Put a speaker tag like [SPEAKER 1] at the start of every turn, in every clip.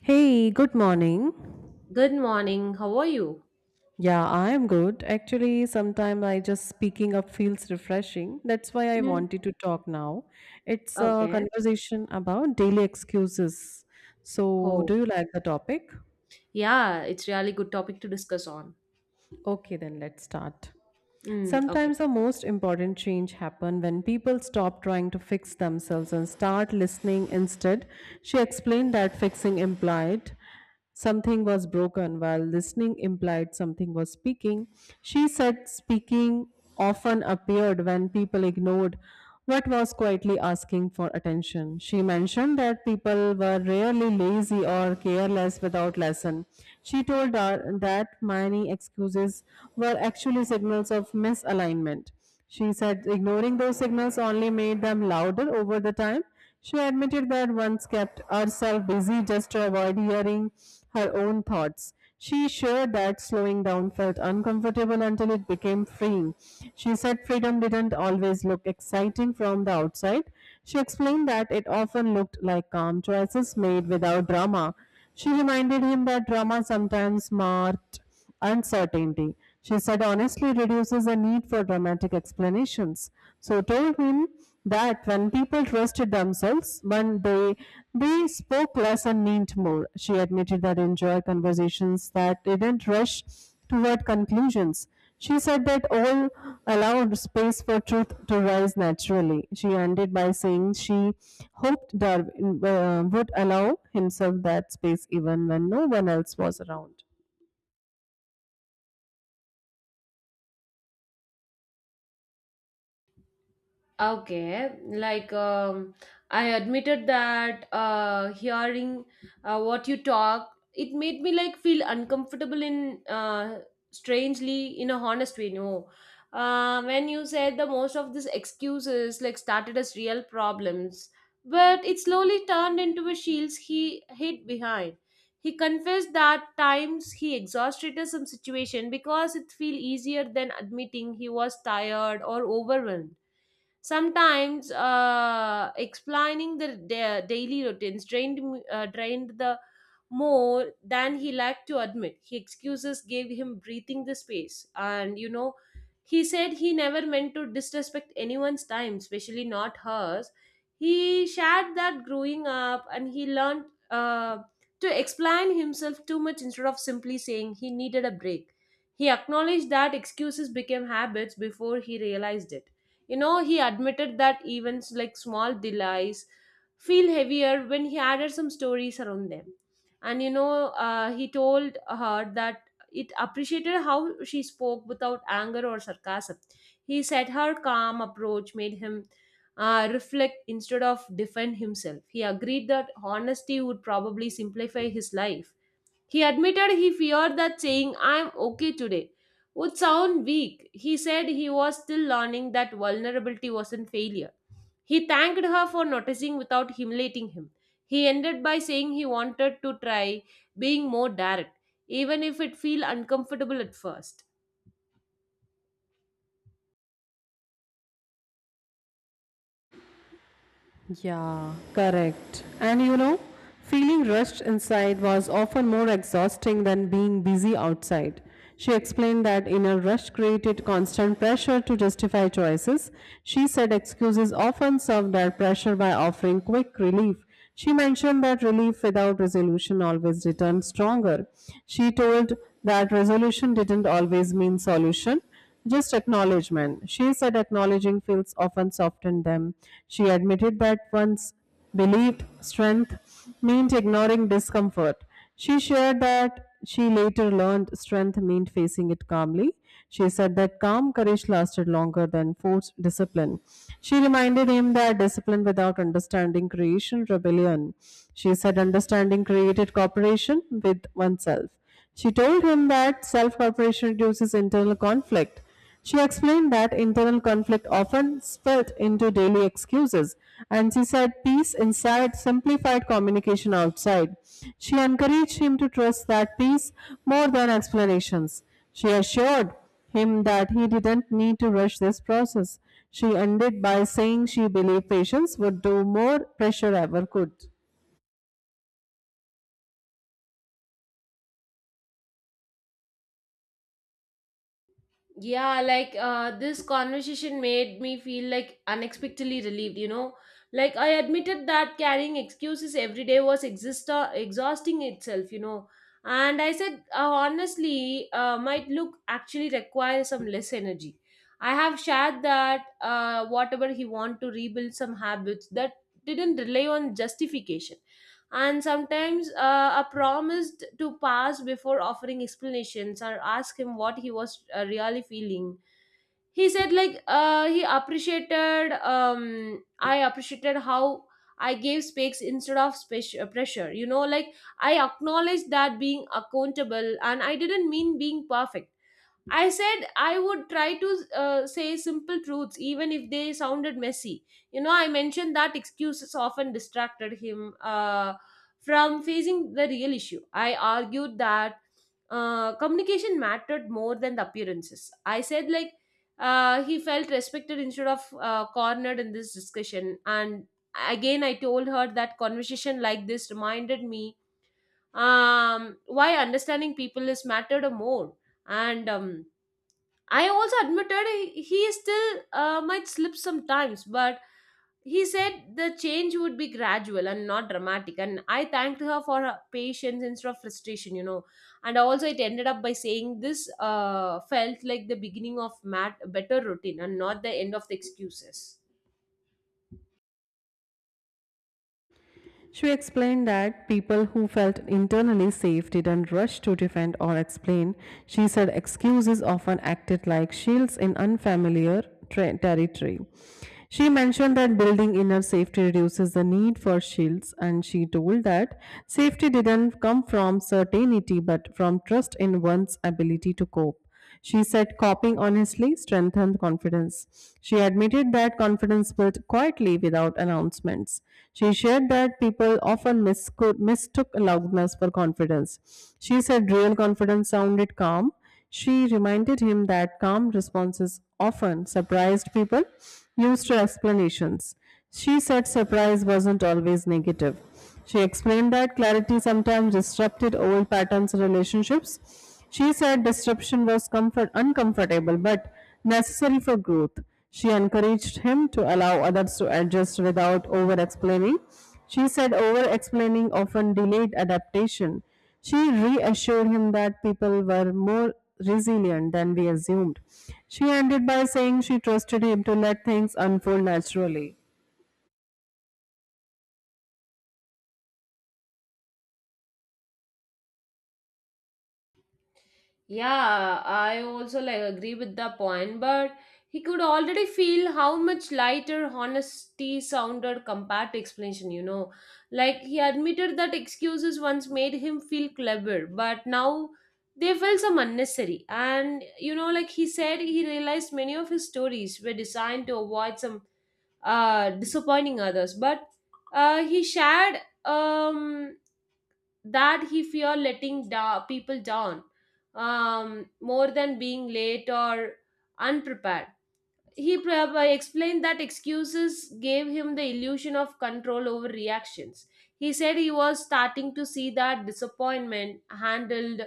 [SPEAKER 1] Hey, good morning.
[SPEAKER 2] Good morning. How are you?
[SPEAKER 1] Yeah, I am good. Actually, sometime I just speaking up feels refreshing. That's why I
[SPEAKER 2] Mm.
[SPEAKER 1] wanted to talk now. It's a
[SPEAKER 2] Okay.
[SPEAKER 1] conversation about daily excuses. So,
[SPEAKER 2] Oh,
[SPEAKER 1] do you like the topic?
[SPEAKER 2] yeah, it's really good topic to discuss on.
[SPEAKER 1] Okay, then let's start.
[SPEAKER 2] Okay.
[SPEAKER 1] Sometimes the most important change happen when people stop trying to fix themselves and start listening instead. She explained that fixing implied something was broken while listening implied something was speaking. She said speaking often appeared when people ignored what was quietly asking for attention. She mentioned that people were rarely lazy or careless without lesson. She told her that many excuses were actually signals of misalignment. She said ignoring those signals only made them louder over the time. She admitted that once kept herself busy just to avoid hearing her own thoughts. She shared that slowing down felt uncomfortable until it became freeing. She said freedom didn't always look exciting from the outside. She explained that it often looked like calm choices made without drama. She reminded him that drama sometimes marked uncertainty. She said honestly reduces the need for dramatic explanations. So told him that when people trusted themselves, when they spoke less and meant more. She admitted that enjoy conversations that didn't rush toward conclusions. She said that all allowed space for truth to rise naturally. She ended by saying she hoped Darwin would allow himself that space even when no one else was around.
[SPEAKER 2] Okay, like I admitted that hearing what you talk, it made me like feel uncomfortable in strangely in a honest way. No, when you said the most of these excuses like started as real problems, but it slowly turned into a shield he hid behind. He confessed that times he exhausted some situation because it feel easier than admitting he was tired or overwhelmed. Sometimes explaining the daily routines drained drained the more than he liked to admit. He excuses gave him breathing the space, and you know, he said he never meant to disrespect anyone's time, especially not hers. He shared that growing up, and he learned uh, to explain himself too much instead of simply saying he needed a break. He acknowledged that excuses became habits before he realized it. You know, he admitted that events like small delays feel heavier when he added some stories around them. And he told her that it appreciated how she spoke without anger or sarcasm. He said her calm approach made him reflect instead of defend himself. He agreed that honesty would probably simplify his life. He admitted he feared that saying, I'm okay today, would sound weak. He said he was still learning that vulnerability wasn't failure. He thanked her for noticing without humiliating him. He ended by saying he wanted to try being more direct, even if it feel uncomfortable at first.
[SPEAKER 1] Yeah, correct. And you know, feeling rushed inside was often more exhausting than being busy outside. She explained that inner rush created constant pressure to justify choices. She said excuses often served that pressure by offering quick relief. She mentioned that relief without resolution always returned stronger. She told that resolution didn't always mean solution. Just acknowledgement. She said acknowledging feels often softened them. She admitted that one's belief, strength meant ignoring discomfort. She shared that she later learned strength meant facing it calmly. She said that calm courage lasted longer than forced discipline. She reminded him that discipline without understanding creation rebellion. She said understanding created cooperation with oneself. She told him that self corporation reduces internal conflict. She explained that internal conflict often spilled into daily excuses, and she said peace inside simplified communication outside. She encouraged him to trust that peace more than explanations. She assured him that he didn't need to rush this process. She ended by saying she believed patience would do more pressure ever could.
[SPEAKER 2] Yeah, like this conversation made me feel like unexpectedly relieved, you know. Like I admitted that carrying excuses every day was exhausting itself, you know. And I said, honestly, my look actually requires some less energy. I have shared that whatever he want to rebuild some habits that didn't rely on justification, and sometimes are promised to pass before offering explanations or ask him what he was really feeling. He said like he appreciated I appreciated how I gave space instead of pressure, you know. Like I acknowledged that being accountable and I didn't mean being perfect. I said I would try to say simple truths, even if they sounded messy. You know, I mentioned that excuses often distracted him from facing the real issue. I argued that communication mattered more than the appearances. I said, like, he felt respected instead of cornered in this discussion. And again, I told her that conversation like this reminded me why understanding people is mattered more. And I also admitted he still might slip sometimes, but he said the change would be gradual and not dramatic. And I thanked her for her patience instead of frustration, you know. And also, it ended up by saying this felt like the beginning of Matt a better routine and not the end of the excuses.
[SPEAKER 1] She explained that people who felt internally safe didn't rush to defend or explain. She said excuses often acted like shields in unfamiliar territory. She mentioned that building inner safety reduces the need for shields, and she told that safety didn't come from certainty but from trust in one's ability to cope. She said copying honestly strengthened confidence. She admitted that confidence built quietly without announcements. She shared that people often mistook loudness for confidence. She said real confidence sounded calm. She reminded him that calm responses often surprised people, used her explanations. She said surprise wasn't always negative. She explained that clarity sometimes disrupted old patterns in relationships. She said disruption was comfort uncomfortable but necessary for growth. She encouraged him to allow others to adjust without over explaining. She said over explaining often delayed adaptation. She reassured him that people were more resilient than we assumed. She ended by saying she trusted him to let things unfold naturally.
[SPEAKER 2] Yeah, I also like agree with the point, but he could already feel how much lighter honesty sounded compared to explanation, you know. Like he admitted that excuses once made him feel clever, but now they felt some unnecessary. And you know, like he said, he realized many of his stories were designed to avoid some disappointing others, but he shared um that he feared letting people down, more than being late or unprepared. He explained that excuses gave him the illusion of control over reactions. He said he was starting to see that disappointment handled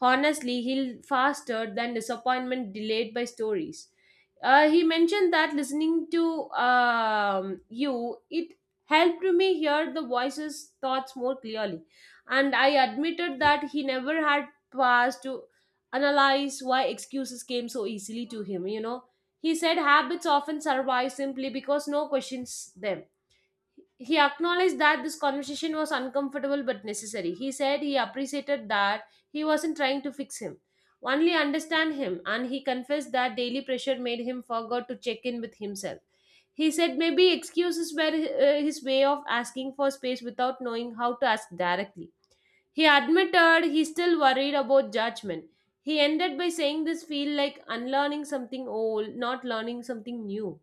[SPEAKER 2] honestly healed faster than disappointment delayed by stories. He mentioned that listening to you, it helped me hear the voices, thoughts more clearly. And I admitted that he never had paused to analyze why excuses came so easily to him, you know. He said habits often survive simply because no questions them. He acknowledged that this conversation was uncomfortable but necessary. He said he appreciated that he wasn't trying to fix him, only understand him, and he confessed that daily pressure made him forget to check in with himself. He said maybe excuses were his way of asking for space without knowing how to ask directly. He admitted he's still worried about judgment. He ended by saying this feel like unlearning something old, not learning something new.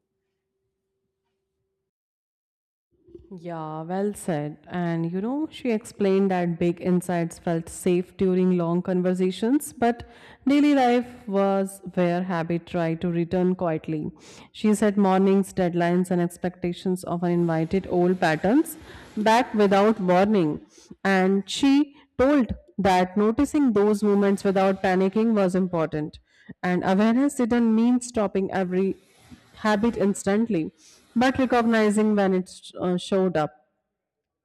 [SPEAKER 1] Yeah, well said. And you know, she explained that big insights felt safe during long conversations, but daily life was where habit tried to return quietly. She said mornings, deadlines, and expectations often invited old patterns back without warning. And she told that noticing those moments without panicking was important. And awareness didn't mean stopping every habit instantly, but recognizing when it showed up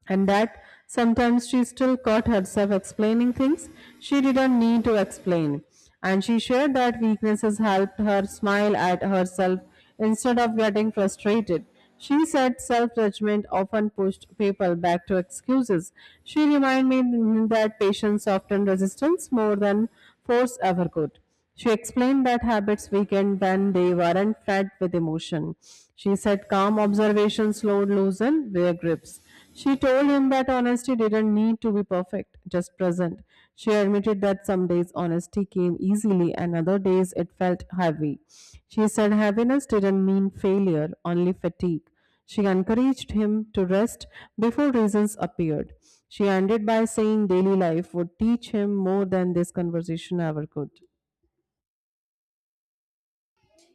[SPEAKER 1] and that sometimes she still caught herself explaining things she didn't need to explain. And she shared that weaknesses helped her smile at herself instead of getting frustrated. She said self judgment often pushed people back to excuses. She reminded me that patience often resistance more than force ever could. She explained that habits weakened when they weren't fed with emotion. She said calm observation slowed loosen their grips. She told him that honesty didn't need to be perfect, just present. She admitted that some days honesty came easily and other days it felt heavy. She said heaviness didn't mean failure, only fatigue. She encouraged him to rest before reasons appeared. She ended by saying daily life would teach him more than this conversation ever could.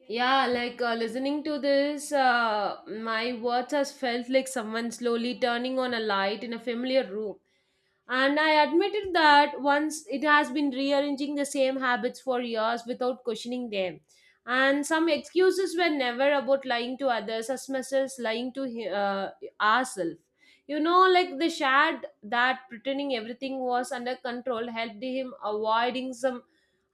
[SPEAKER 2] Yeah, like listening to this, my words has felt like someone slowly turning on a light in a familiar room. And I admitted that once it has been rearranging the same habits for years without questioning them. And some excuses were never about lying to others as much as lying to ourselves. You know, like the shad that pretending everything was under control helped him avoiding some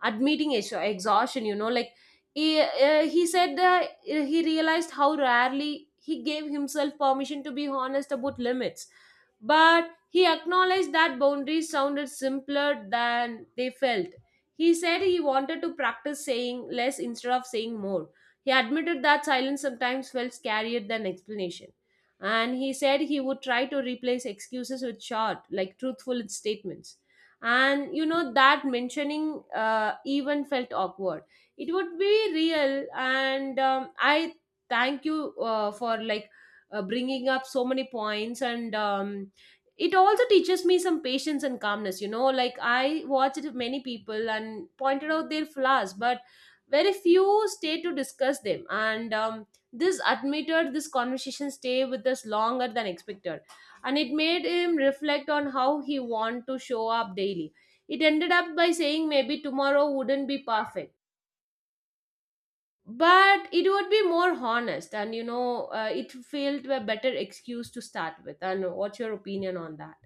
[SPEAKER 2] admitting exhaustion, you know. Like he said that he realized how rarely he gave himself permission to be honest about limits. But he acknowledged that boundaries sounded simpler than they felt. He said he wanted to practice saying less instead of saying more. He admitted that silence sometimes felt scarier than explanation. And he said he would try to replace excuses with short like truthful statements. And you know that mentioning even felt awkward, it would be real. And I thank you for like bringing up so many points. And it also teaches me some patience and calmness. You know, like I watched many people and pointed out their flaws, but very few stay to discuss them. And this admitted this conversation stay with us longer than expected, and it made him reflect on how he want to show up daily. It ended up by saying maybe tomorrow wouldn't be perfect, but it would be more honest. And you know, it felt a better excuse to start with. And what's your opinion on that?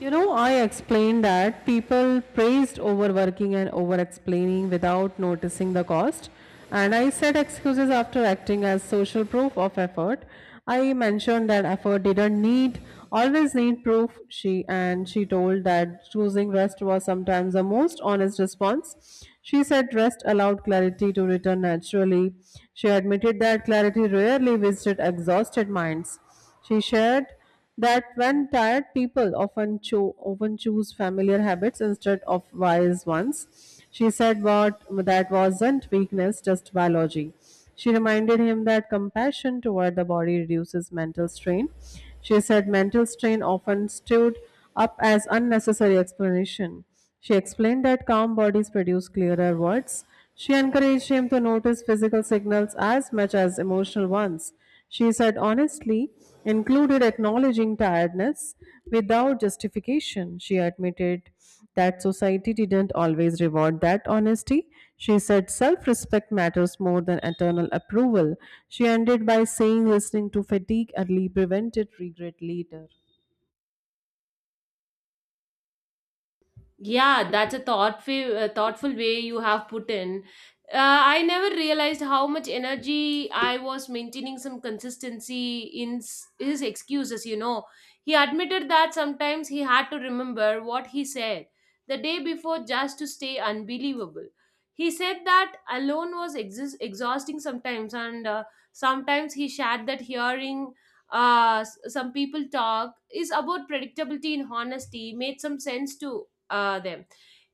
[SPEAKER 1] You know, I explained that people praised overworking and over explaining without noticing the cost. And I said excuses after acting as social proof of effort. I mentioned that effort didn't need always need proof. She told that choosing rest was sometimes the most honest response. She said rest allowed clarity to return naturally. She admitted that clarity rarely visited exhausted minds. She shared that when tired often choose familiar habits instead of wise ones. She said what that wasn't weakness, just biology. She reminded him that compassion toward the body reduces mental strain. She said mental strain often stood up as unnecessary explanation. She explained that calm bodies produce clearer words. She encouraged him to notice physical signals as much as emotional ones. She said honestly, included acknowledging tiredness without justification. She admitted that society didn't always reward that honesty. She said self respect matters more than eternal approval. She ended by saying listening to fatigue early prevented regret later.
[SPEAKER 2] Yeah, that's a thoughtful, thoughtful way you have put in. I never realized how much energy I was maintaining some consistency in his excuses, you know. He admitted that sometimes he had to remember what he said the day before just to stay unbelievable. He said that alone was exis exhausting sometimes, and sometimes he shared that hearing some people talk is about predictability and honesty made some sense too them.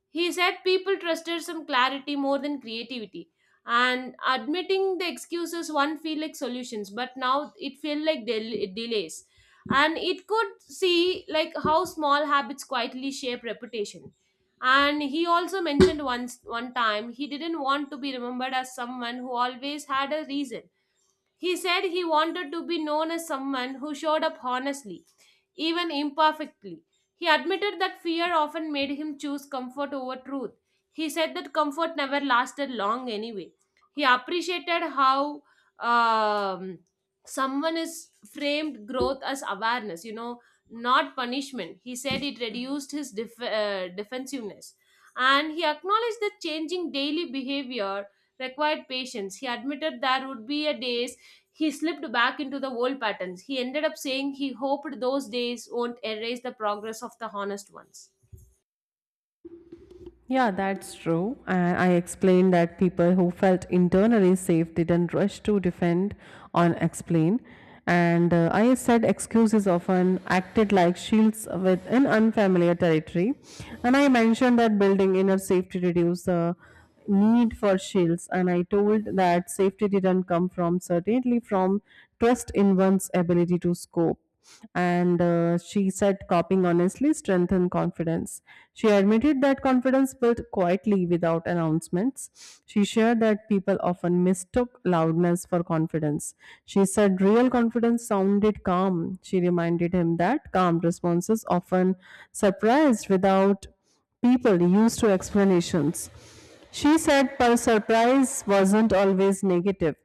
[SPEAKER 2] He said people trusted some clarity more than creativity. And admitting the excuses, one feel like solutions, but now it feel like delays. And it could see like how small habits quietly shape reputation. And he also mentioned once one time he didn't want to be remembered as someone who always had a reason. He said he wanted to be known as someone who showed up honestly, even imperfectly. He admitted that fear often made him choose comfort over truth. He said that comfort never lasted long anyway. He appreciated how um, someone is framed growth as awareness, you know, not punishment. He said it reduced his defensiveness. And he acknowledged that changing daily behavior required patience. He admitted there would be a days he slipped back into the old patterns. He ended up saying he hoped those days won't erase the progress of the honest ones.
[SPEAKER 1] Yeah, that's true. And I explained that people who felt internally safe didn't rush to defend or explain. And I said excuses often acted like shields within unfamiliar territory. And I mentioned that building inner safety reduced the need for shields, and I told that safety didn't come from certainly from trust in one's ability to scope. And she said copying honestly strengthened confidence. She admitted that confidence built quietly without announcements. She shared that people often mistook loudness for confidence. She said real confidence sounded calm. She reminded him that calm responses often surprised without people used to explanations. She said per surprise wasn't always negative,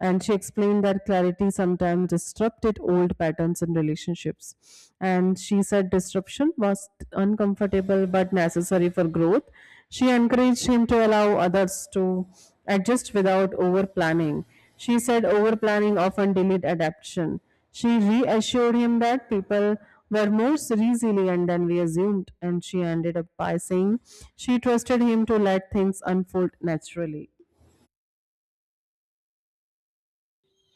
[SPEAKER 1] and she explained that clarity sometimes disrupted old patterns in relationships. And she said disruption was uncomfortable but necessary for growth. She encouraged him to allow others to adjust without over planning. She said over planning often delayed adaptation. She reassured him that people were more resilient than we assumed, and she ended up by saying she trusted him to let things unfold naturally.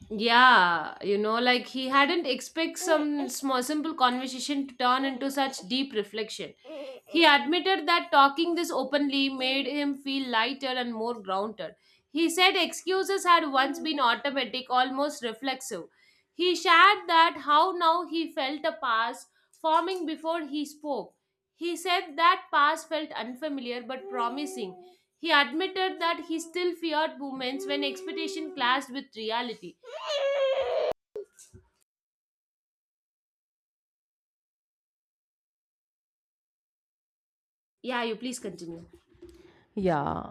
[SPEAKER 2] Yeah, you know, like he hadn't expect some small simple conversation to turn into such deep reflection. He admitted that talking this openly made him feel lighter and more grounded. He said excuses had once been automatic, almost reflexive. He shared that how now he felt a past forming before he spoke. He said that past felt unfamiliar but promising. He admitted that he still feared moments when expectation clashed with reality. Yeah, you please continue.
[SPEAKER 1] Yeah.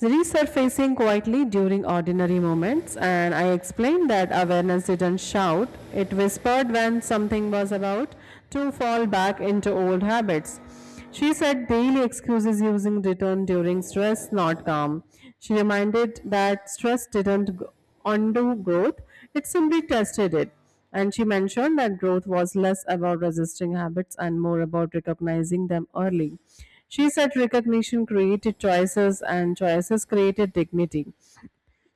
[SPEAKER 1] Resurfacing quietly during ordinary moments, and I explained that awareness didn't shout, it whispered when something was about to fall back into old habits. She said daily excuses using return during stress, not calm. She reminded that stress didn't undo growth, it simply tested it. And she mentioned that growth was less about resisting habits and more about recognizing them early. She said recognition created choices and choices created dignity.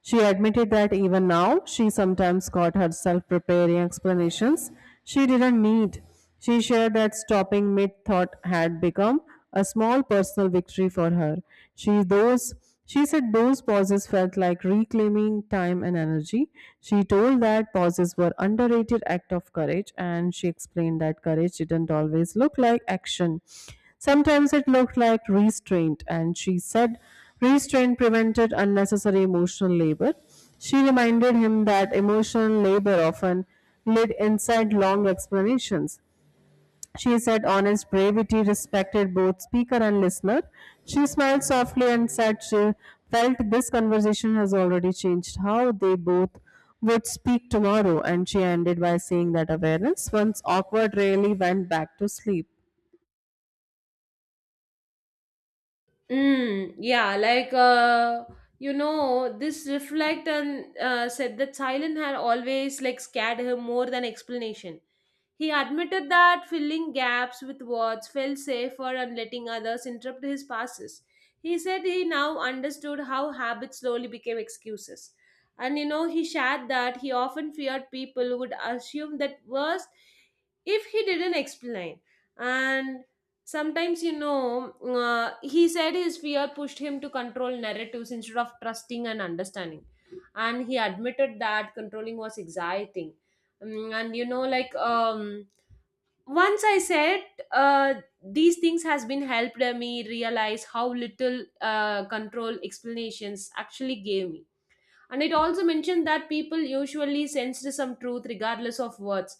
[SPEAKER 1] She admitted that even now she sometimes caught herself preparing explanations she didn't need. She shared that stopping mid thought had become a small personal victory for her. She those she said those pauses felt like reclaiming time and energy. She told that pauses were underrated act of courage and she explained that courage didn't always look like action. Sometimes it looked like restraint, and she said restraint prevented unnecessary emotional labor. She reminded him that emotional labor often led inside long explanations. She said honest brevity respected both speaker and listener. She smiled softly and said she felt this conversation has already changed how they both would speak tomorrow, and she ended by saying that awareness, once awkward, really went back to sleep.
[SPEAKER 2] Mm, yeah, like you know, this reflect and said that silence had always like scared her more than explanation. He admitted that filling gaps with words felt safer and letting others interrupt his passes. He said he now understood how habits slowly became excuses. And you know, he shared that he often feared people would assume that worst if he didn't explain. And sometimes, you know, he said his fear pushed him to control narratives instead of trusting and understanding. And he admitted that controlling was exciting. And once I said uh, these things has been helped me realize how little control explanations actually gave me. And it also mentioned that people usually sensed some truth regardless of words,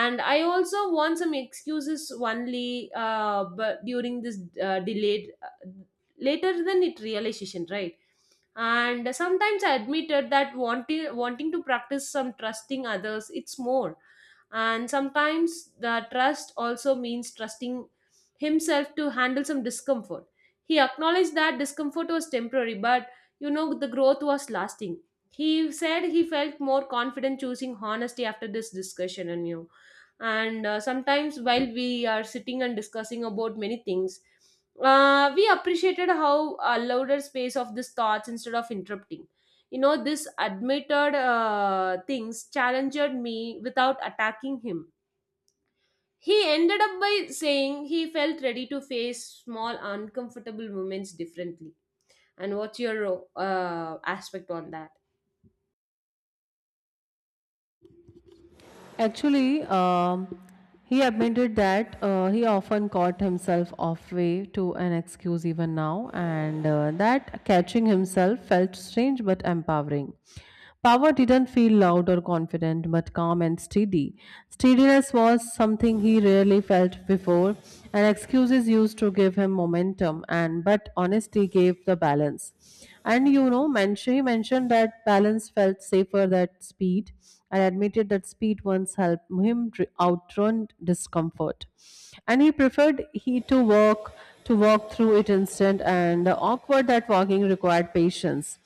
[SPEAKER 2] and I also want some excuses only, but during this delayed, later than it realization, right? And sometimes I admitted that wanting to practice some trusting others, it's more. And sometimes the trust also means trusting himself to handle some discomfort. He acknowledged that discomfort was temporary, but the growth was lasting. He said he felt more confident choosing honesty after this discussion. And you, and sometimes while we are sitting and discussing about many things, we appreciated how a louder space of these thoughts instead of interrupting. You know, this admitted things challenged me without attacking him. He ended up by saying he felt ready to face small uncomfortable moments differently. And what's your aspect on that?
[SPEAKER 1] Actually, he admitted that he often caught himself off way to an excuse even now, and that catching himself felt strange but empowering. Power didn't feel loud or confident, but calm and steady. Steadiness was something he rarely felt before, and excuses used to give him momentum, and but honesty gave the balance. And you know, he mentioned that balance felt safer than speed and admitted that speed once helped him outrun discomfort. And he preferred he to walk through it instant and awkward that walking required patience.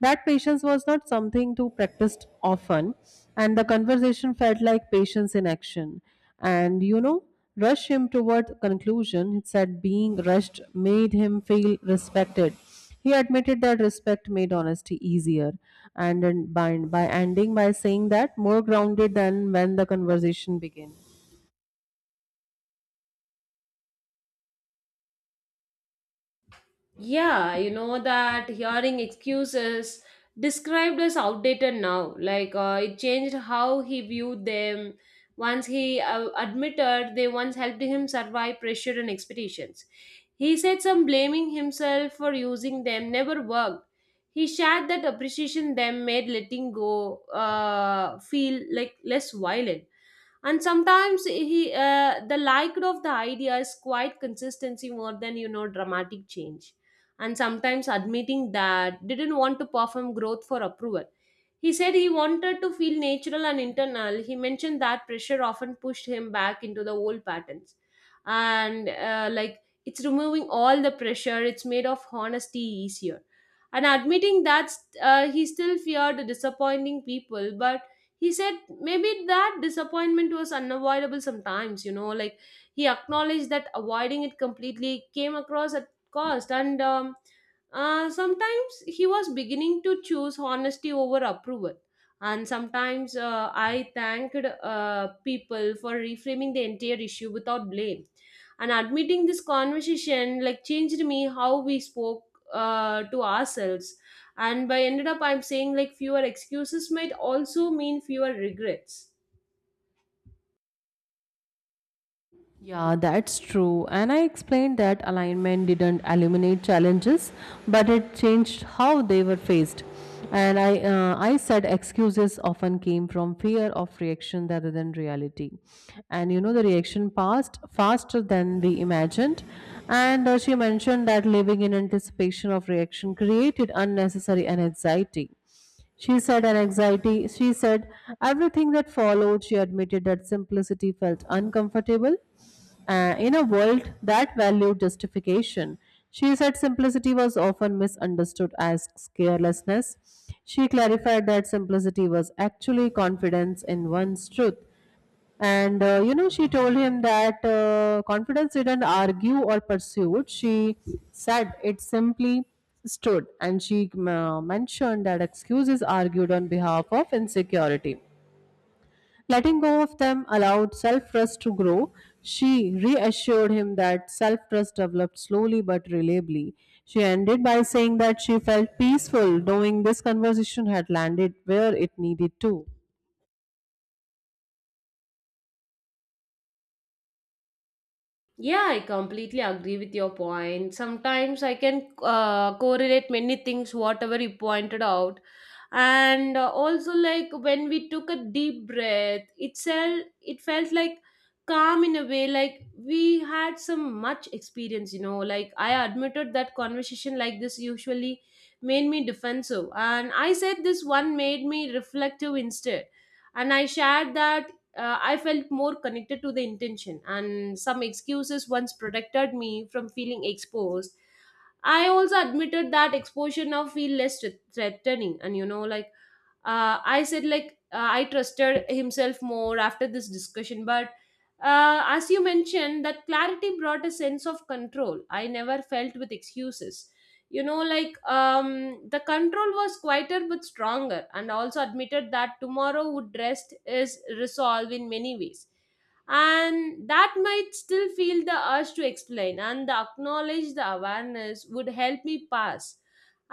[SPEAKER 1] That patience was not something to practice often, and the conversation felt like patience in action. And you know, rush him toward conclusion. It said being rushed made him feel respected. He admitted that respect made honesty easier and then by ending by saying that more grounded than when the conversation began.
[SPEAKER 2] Yeah, you know that hearing excuses described as outdated now. Like, it changed how he viewed them. Once he admitted they once helped him survive pressure and expeditions. He said some blaming himself for using them never worked. He shared that appreciation them made letting go, feel like less violent. And sometimes he the liked of the idea is quite consistency more than dramatic change. And sometimes admitting that didn't want to perform growth for approval. He said he wanted to feel natural and internal. He mentioned that pressure often pushed him back into the old patterns. And like it's removing all the pressure, it's made of honesty easier. And admitting that, he still feared disappointing people, but he said maybe that disappointment was unavoidable sometimes, you know. Like, he acknowledged that avoiding it completely came across at cost. And sometimes he was beginning to choose honesty over approval. And sometimes I thanked people for reframing the entire issue without blame. And admitting this conversation like changed me how we spoke to ourselves. And by ended up, I'm saying like fewer excuses might also mean fewer regrets.
[SPEAKER 1] Yeah, that's true. And I explained that alignment didn't eliminate challenges, but it changed how they were faced. And I said excuses often came from fear of reaction rather than reality. And you know, the reaction passed faster than we imagined. And she mentioned that living in anticipation of reaction created unnecessary anxiety. She said an anxiety. She said everything that followed. She admitted that simplicity felt uncomfortable in a world that valued justification. She said simplicity was often misunderstood as carelessness. She clarified that simplicity was actually confidence in one's truth. And you know, she told him that confidence didn't argue or pursue. She said it simply stood, and she mentioned that excuses argued on behalf of insecurity. Letting go of them allowed self trust to grow. She reassured him that self trust developed slowly but reliably. She ended by saying that she felt peaceful knowing this conversation had landed where it needed to.
[SPEAKER 2] Yeah, I completely agree with your point. Sometimes I can correlate many things, whatever you pointed out. And also, like when we took a deep breath, it felt like calm in a way, like we had some much experience, you know. Like, I admitted that conversation like this usually made me defensive. And I said this one made me reflective instead. And I shared that, I felt more connected to the intention, and some excuses once protected me from feeling exposed. I also admitted that exposure now feel less threatening, and you know, like I said, like, I trusted himself more after this discussion. But as you mentioned, that clarity brought a sense of control I never felt with excuses. You know, the control was quieter but stronger. And also admitted that tomorrow would rest is resolve in many ways, and that might still feel the urge to explain, and the acknowledge the awareness would help me pass.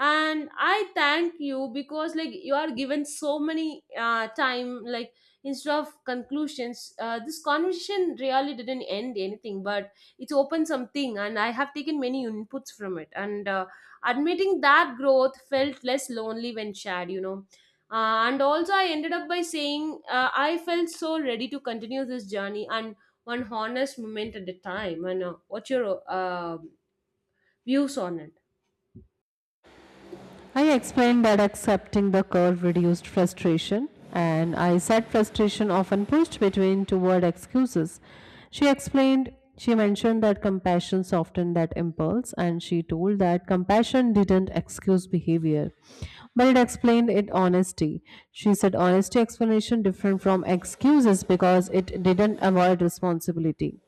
[SPEAKER 2] And I thank you because like you are given so many time. Like, instead of conclusions, this conversation really didn't end anything, but it's open something, and I have taken many inputs from it. And admitting that growth felt less lonely when shared, you know. And also, I ended up by saying, I felt so ready to continue this journey, and one honest moment at a time. And what's your views on it?
[SPEAKER 1] I explained that accepting the curve reduced frustration, and I said frustration often pushed between toward excuses. She explained, she mentioned that compassion softened that impulse, and she told that compassion didn't excuse behavior, but it explained it honesty. She said honesty explanation different from excuses because it didn't avoid responsibility.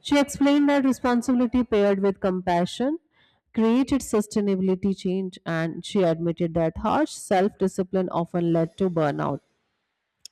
[SPEAKER 1] She explained that responsibility paired with compassion created sustainability change, and she admitted that harsh self discipline often led to burnout.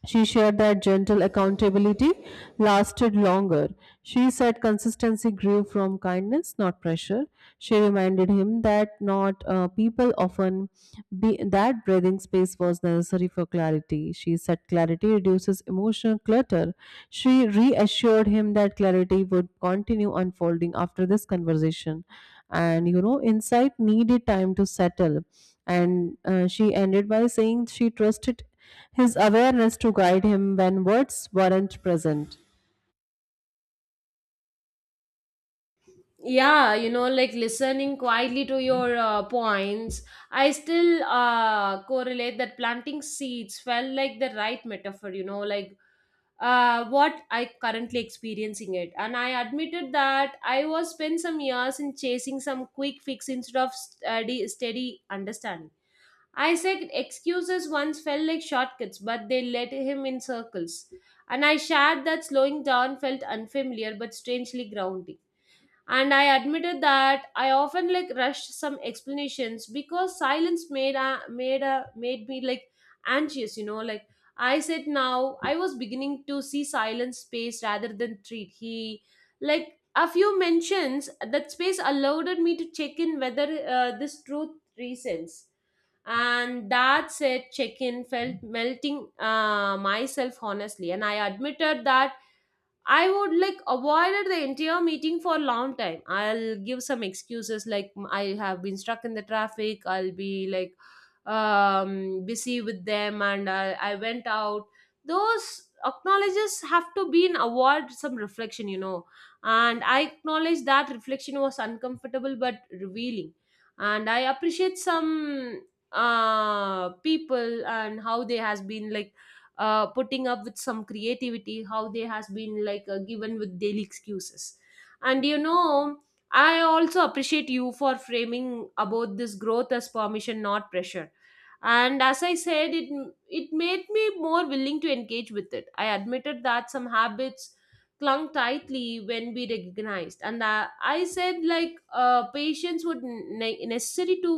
[SPEAKER 1] She shared that gentle accountability lasted longer. She said consistency grew from kindness, not pressure. She reminded him that not people often be that breathing space was necessary for clarity. She said clarity reduces emotional clutter. She reassured him that clarity would continue unfolding after this conversation, and you know, insight needed time to settle. And she ended by saying she trusted his awareness to guide him when words weren't present.
[SPEAKER 2] Yeah, you know, like, listening quietly to your points, I still correlate that planting seeds felt like the right metaphor, you know. Like, what I currently experiencing it. And I admitted that I was spent some years in chasing some quick fix instead of steady understanding. I said excuses once felt like shortcuts, but they led him in circles. And I shared that slowing down felt unfamiliar but strangely grounding. And I admitted that I often like rushed some explanations because silence made me like anxious, you know. Like, I said now I was beginning to see silence space rather than treat he like a few mentions that space allowed me to check in whether, this truth reasons. And that said check-in felt melting, myself honestly. And I admitted that I would like avoided the entire meeting for a long time. I'll give some excuses like, mm, I have been stuck in the traffic. I'll be like, busy with them, and I went out. Those acknowledges have to be an award some reflection, you know. And I acknowledge that reflection was uncomfortable but revealing. And I appreciate some people, and how they has been like putting up with some creativity, how they has been like given with daily excuses. And you know, I also appreciate you for framing about this growth as permission not pressure. And as I said it, it made me more willing to engage with it. I admitted that some habits clung tightly when we recognized. And I said like, patience would necessary to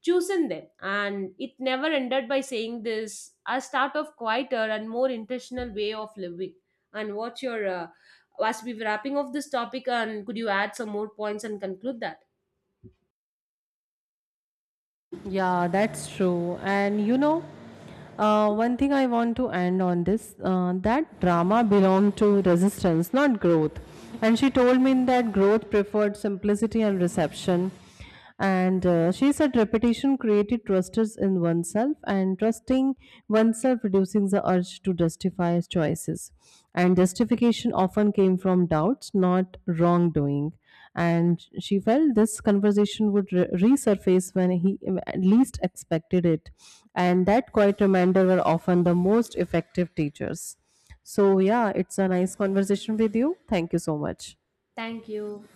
[SPEAKER 2] chosen them. And it never ended by saying this a start of quieter and more intentional way of living. And what's your, as we wrapping off this topic, and could you add some more points and conclude that?
[SPEAKER 1] Yeah, that's true. And you know, one thing I want to end on this that drama belonged to resistance, not growth. And she told me that growth preferred simplicity and reception. And she said repetition created trusters in oneself, and trusting oneself reducing the urge to justify choices. And justification often came from doubts, not wrongdoing. And she felt this conversation would resurface when he least expected it. And that quiet reminder were often the most effective teachers. So, yeah, it's a nice conversation with you. Thank you so much.
[SPEAKER 2] Thank you.